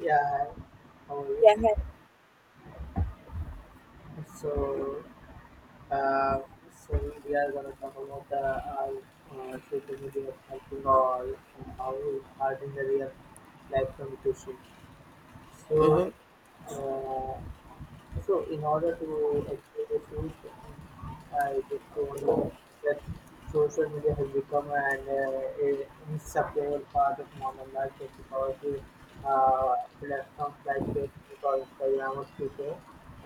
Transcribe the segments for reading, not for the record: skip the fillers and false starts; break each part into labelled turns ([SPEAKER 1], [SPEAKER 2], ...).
[SPEAKER 1] Yeah, hi. How are you?
[SPEAKER 2] Yeah. Hi.
[SPEAKER 1] So, uh, so we are gonna talk about the social media is or how hard in the real life communication.
[SPEAKER 2] Mm-hmm.
[SPEAKER 1] So, uh, so in order to actually this news, I just told you that social media has become an inseparable part of modern life just because uh, platforms like Facebook or Instagram or Twitter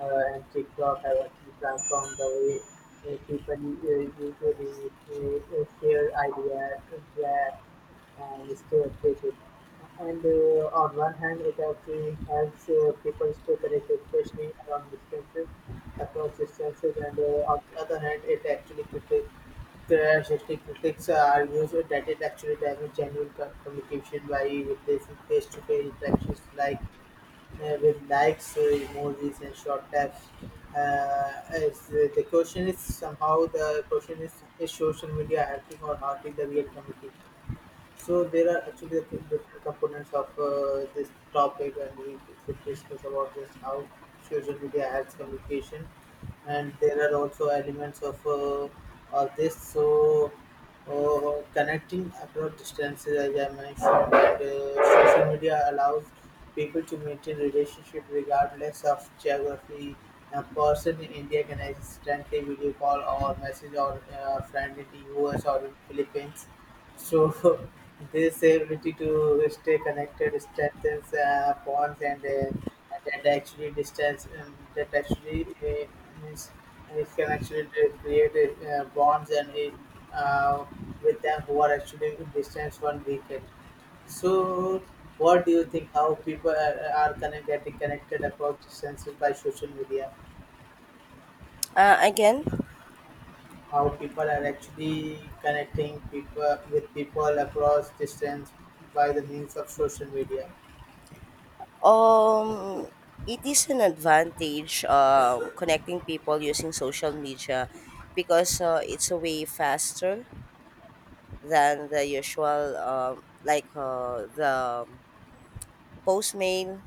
[SPEAKER 1] and TikTok have actually transformed the way people usually share ideas, interact, and stay updated. And on one hand, it actually helps people stay connected, especially around distances, across distances. And on the other hand, it actually critics argues that it actually damages genuine communication by replacing face-to-face interactions like with likes, emojis, and short taps. As the question is somehow the question is social media helping or hurting the real communication? So there are actually the different components of this topic, and we should discuss about just how social media helps communication, and there are also elements of all this. So connecting across distances, as I mentioned, and social media allows people to maintain relationship regardless of geography. A person in India can instantly video call or message or friend in the US or in Philippines so this ability to stay connected strengthens bonds and that actually distance that actually means it can actually create bonds and uh, uh, with them who are actually distance one weekend. So what do you think, how people are getting connected across distances by social media?
[SPEAKER 2] Uh, again,
[SPEAKER 1] How people are actually connecting people with people across distance by the means of social media.
[SPEAKER 2] um, it is an advantage connecting people using social media because it's a way faster than the usual, the postmail.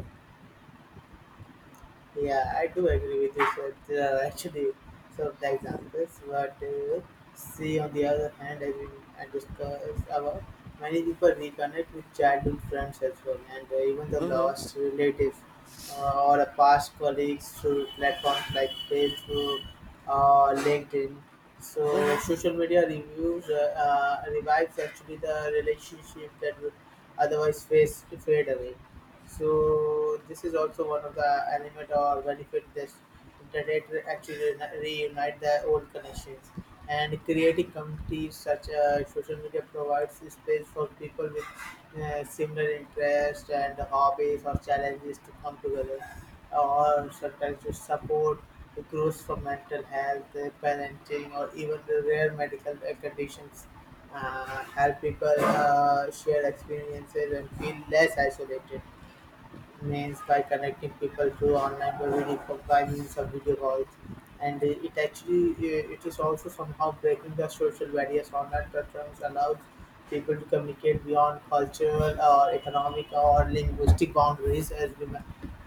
[SPEAKER 1] Yeah, I do agree with you. So there are actually some of the examples, but see on the other hand, as we I discussed about, many people reconnect with childhood friends as well, and even the
[SPEAKER 2] Mm-hmm.
[SPEAKER 1] lost relatives or a past colleagues through platforms like Facebook or LinkedIn. So
[SPEAKER 2] Mm-hmm.
[SPEAKER 1] social media reviews revives actually the relationship that would otherwise face fade away. So this is also one of the element or benefit that internet actually reunite the old connections, and creating communities such as social media provides space for people with similar interests and hobbies or challenges to come together or sometimes to support the growth for mental health, parenting, or even the rare medical conditions uh, help people share experiences and feel less isolated, means by connecting people through online library for by means of video calls. And it is also somehow breaking the social barriers. Online platforms allows people to communicate beyond cultural or economic or linguistic boundaries. As we ma-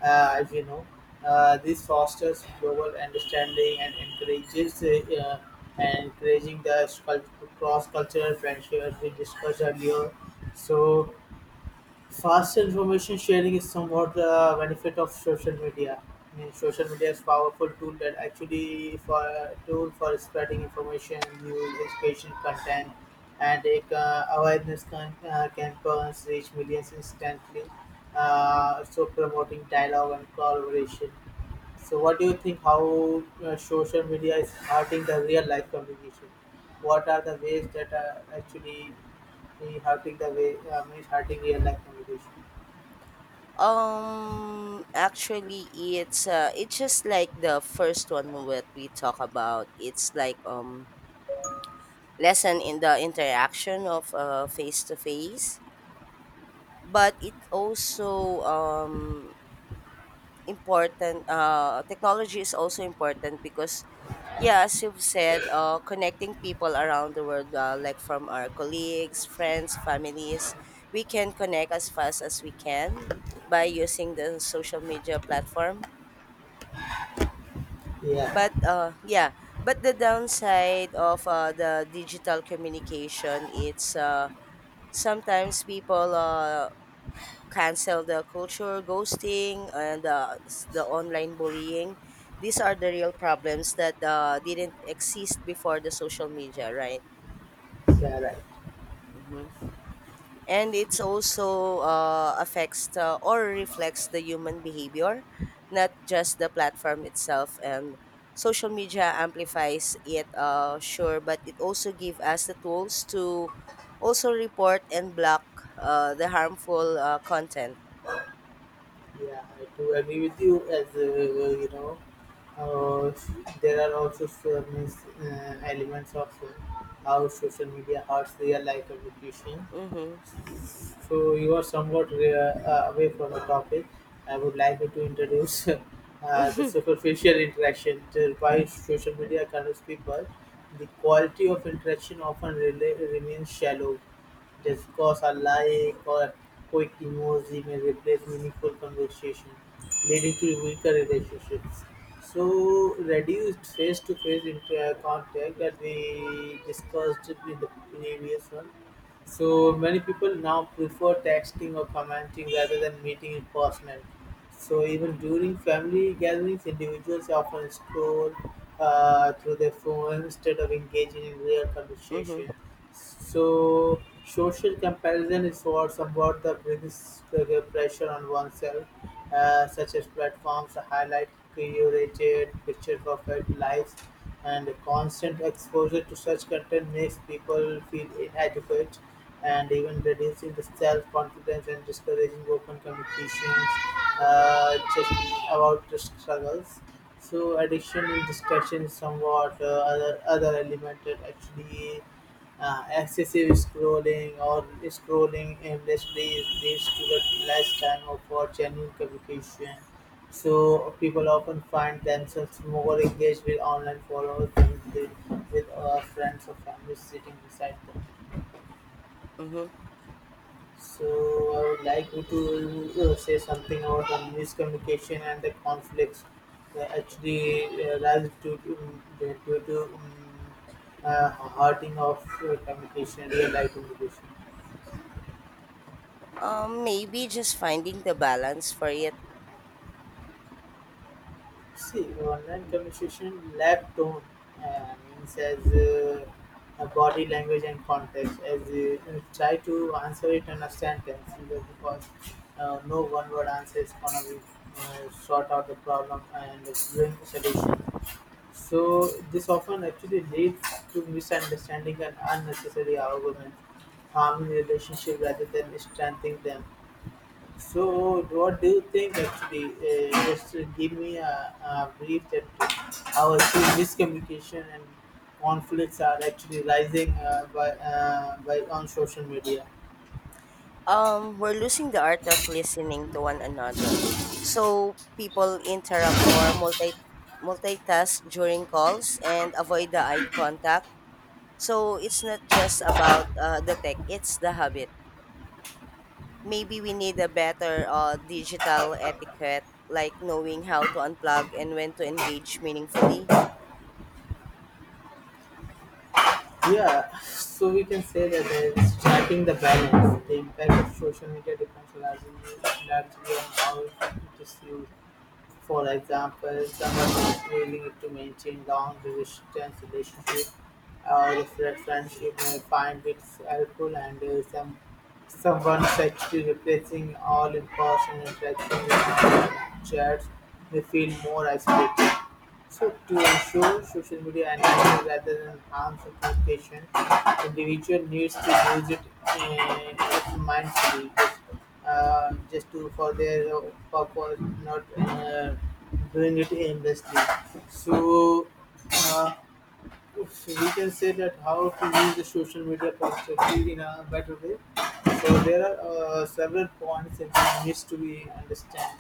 [SPEAKER 1] uh, as we know, this fosters global understanding and encourages encouraging the cross cultural friendships we discussed earlier. So fast information sharing is somewhat the benefit of social media. I mean, social media is powerful tool that actually for tool for spreading information, news, education, content, and it, awareness can, campaigns reach millions instantly. So promoting dialogue and collaboration. So, what do you think? How social media is hurting the real life communication? What are the ways that are actually hurting the way? I mean, hurting real life communication.
[SPEAKER 2] Actually, it's just like the first one what we talk about. It's like lesson in the interaction of face to face, but it also important, technology is also important because yeah, as you've said, connecting people around the world, like from our colleagues, friends, families, we can connect as fast as we can by using the social media platform.
[SPEAKER 1] Yeah,
[SPEAKER 2] But uh yeah but the downside of the digital communication, it's sometimes people cancel the culture, ghosting, and the online bullying. These are the real problems that didn't exist before the social media, right?
[SPEAKER 1] yeah, right.
[SPEAKER 2] Hmm. And it's also affects or reflects the human behavior, not just the platform itself. And social media amplifies it, sure, but it also give us the tools to also report and block the harmful content.
[SPEAKER 1] Yeah, I do agree with you. As you know, uh, there are also some elements of how social media hurts real life communication.
[SPEAKER 2] Mm-hmm.
[SPEAKER 1] So you are somewhat away from the topic. I would like you to introduce the superficial interaction till by social media connects people. The quality of interaction often remains shallow. Just because a like or a quick emoji may replace meaningful conversation, leading to weaker relationships. So reduced face-to-face contact that we discussed in the previous one, so many people now prefer texting or commenting rather than meeting in person. So even during family gatherings, individuals often scroll through their phone instead of engaging in real
[SPEAKER 2] Mm-hmm.
[SPEAKER 1] conversation. So social comparison is what somewhat the biggest pressure on oneself, such as platforms highlight curated picture perfect lives, and constant exposure to such content makes people feel inadequate and even reducing the self-confidence and discouraging open communications just about the struggles. So addiction and distraction is somewhat other element that actually excessive scrolling or scrolling aimlessly leads to the less time of for genuine communication, so people often find themselves more engaged with online followers than they, with friends or family sitting beside them.
[SPEAKER 2] Mm-hmm.
[SPEAKER 1] So I would like you to say something about the miscommunication and the conflicts that actually rise due to hurting of communication, real life communication.
[SPEAKER 2] Maybe just finding the balance for it.
[SPEAKER 1] See, online communication lack tone, means as a body language and context. As try to answer it and understand them either because no one word answer is gonna be sort out the problem and bring solution. So this often actually leads to misunderstanding and unnecessary arguments, harming relationship rather than strengthening them. So, what do you think actually? Just Give me a brief that how actually miscommunication and conflicts are actually rising by on social media.
[SPEAKER 2] We're losing the art of listening to one another. So people interrupt more, multitask during calls, and avoid the eye contact. So it's not just about the tech, it's the habit. Maybe we need a better digital etiquette, like knowing how to unplug and when to engage meaningfully.
[SPEAKER 1] Yeah, so we can say that it's striking the balance. The impact of social media depends largely on how it is used. For example, someone needing to maintain long-distance relationship or friendship may find it helpful, and someone actually replacing all in-person interaction with online chats may feel more isolated. So to ensure social media enhances rather than harms the communication, individual needs to use it mindfully, just to for their purpose, not doing it aimlessly. So uh, we can say that how to use the social media positively in a better way. So there are several points that we needs to be understand.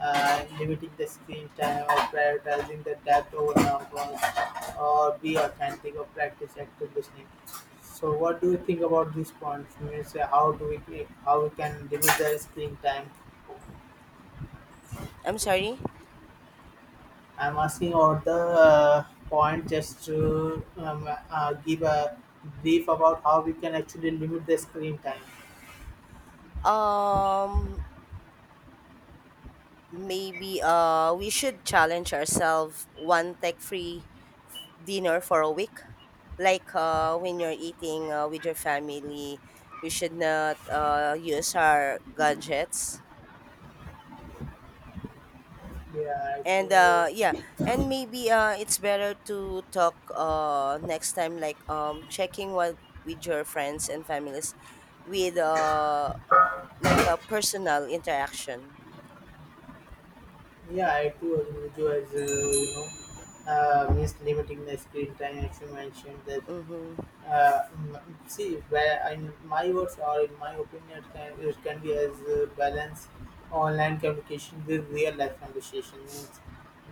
[SPEAKER 1] Limiting the screen time, or prioritizing the depth over numbers, or be authentic, or practice active listening. So what do you think about these points? Means how do we, how we can limit the screen time?
[SPEAKER 2] I'm sorry.
[SPEAKER 1] I'm asking at the point just to give a brief about how we can actually limit the screen time.
[SPEAKER 2] Um, Maybe we should challenge ourselves one tech free dinner for a week. Like, when you're eating with your family, we should not use our gadgets.
[SPEAKER 1] Yeah, I
[SPEAKER 2] And
[SPEAKER 1] too.
[SPEAKER 2] yeah, and maybe it's better to talk next time, like, checking what with your friends and families with, like a personal interaction.
[SPEAKER 1] Yeah, I too agree with you. As you know, means limiting the screen time. As you mentioned that,
[SPEAKER 2] Mm-hmm.
[SPEAKER 1] uh, mm, see where in my words or in my opinion, it can be as balance online communication with real life conversation, means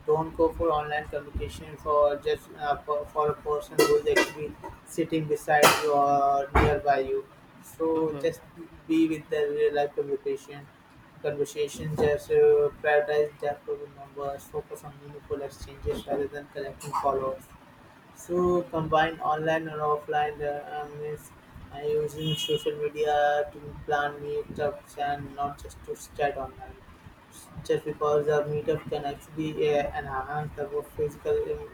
[SPEAKER 1] don't go for online communication for just for a person who is actually sitting beside you or nearby you. So just
[SPEAKER 2] Mm-hmm.
[SPEAKER 1] be with the real life communication conversation, just prioritize the problem numbers, focus on meaningful exchanges rather than collecting followers. So combine online and offline, means using social media to plan meetups and not just to stay online, just because the meetup can actually enhance the both physical in-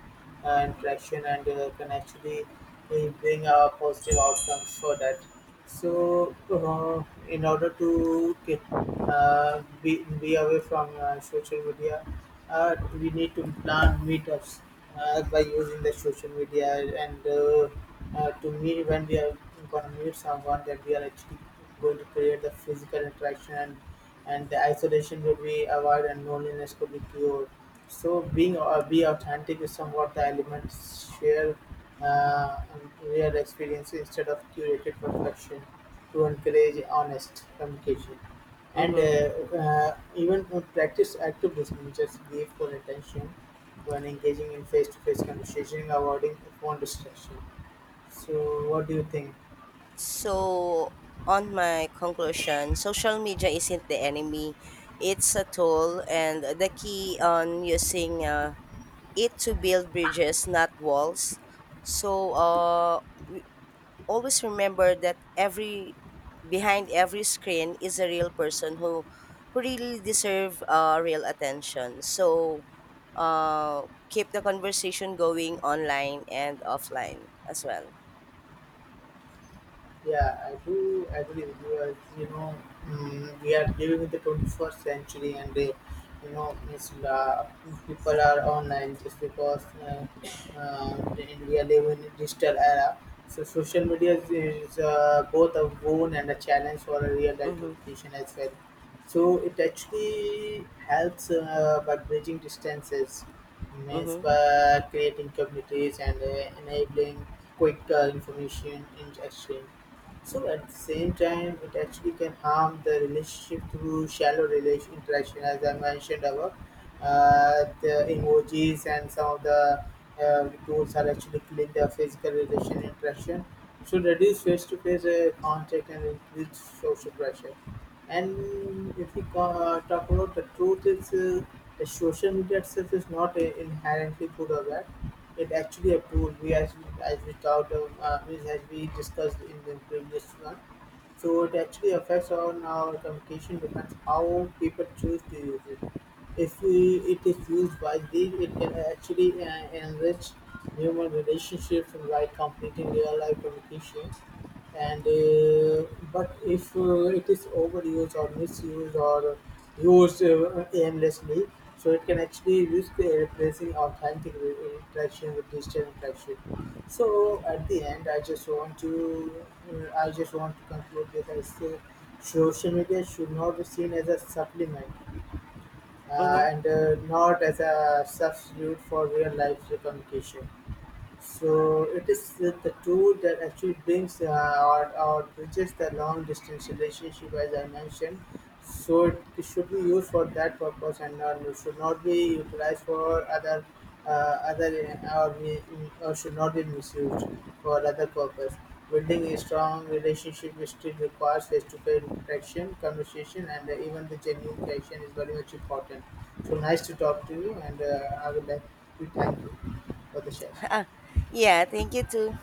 [SPEAKER 1] uh, interaction, and can actually bring a positive outcomes for that. So, in order to be away from social media, we need to plan meetups by using the social media, and to meet when we are going to meet someone that we are actually going to create the physical interaction, and the isolation would be avoided and loneliness could be cured. So being or be authentic is somewhat the elements share uh, real experience instead of curated perfection to encourage honest communication. And
[SPEAKER 2] Mm-hmm.
[SPEAKER 1] even practice active listening, just give full attention when engaging in face-to-face conversation, avoiding phone distraction. So what do you think?
[SPEAKER 2] So, on my conclusion, social media isn't the enemy. It's a tool, and the key on using it to build bridges, not walls. So, always remember that every behind every screen is a real person who really deserve real attention. So, keep the conversation going online and offline as well.
[SPEAKER 1] Yeah, I do agree with you. As you know, we are living in the 21st century, and you know, it's, people are online just because, and we are living in a digital era. So, social media is both a boon and a challenge for a real life
[SPEAKER 2] Mm-hmm.
[SPEAKER 1] communication as well. So, it actually helps by bridging distances, means
[SPEAKER 2] Mm-hmm.
[SPEAKER 1] by creating communities and enabling quick information in exchange. So at the same time, it actually can harm the relationship through shallow relation interaction, as I mentioned above. The emojis and some of the tools are actually killing the physical relation interaction. Should reduce face-to-face contact and increase social pressure. And if we talk about the truth, is the social media itself is not inherently good or bad, it actually approved as we talked of, means as we discussed in the previous one. So it actually affects on our communication depends how people choose to use it. If it is used wisely, it can actually enrich human relationships and like completing real life communication, and but if it is overused or misused or used aimlessly, so it can actually risk replacing authentic interaction with digital interaction. So at the end, I just want to conclude this, I say social media should not be seen as a supplement,
[SPEAKER 2] Mm-hmm.
[SPEAKER 1] and not as a substitute for real life communication. So it is the tool that actually brings or bridges the long distance relationship as I mentioned. So it should be used for that purpose, and not, it should not be utilized for other uh, other uh, or, be- or should not be misused for other purpose. Building a strong relationship still requires face-to-face interaction, conversation, and even the genuine connection is very much important. So nice to talk to you, and I would like to thank you for the session.
[SPEAKER 2] Yeah, thank you too.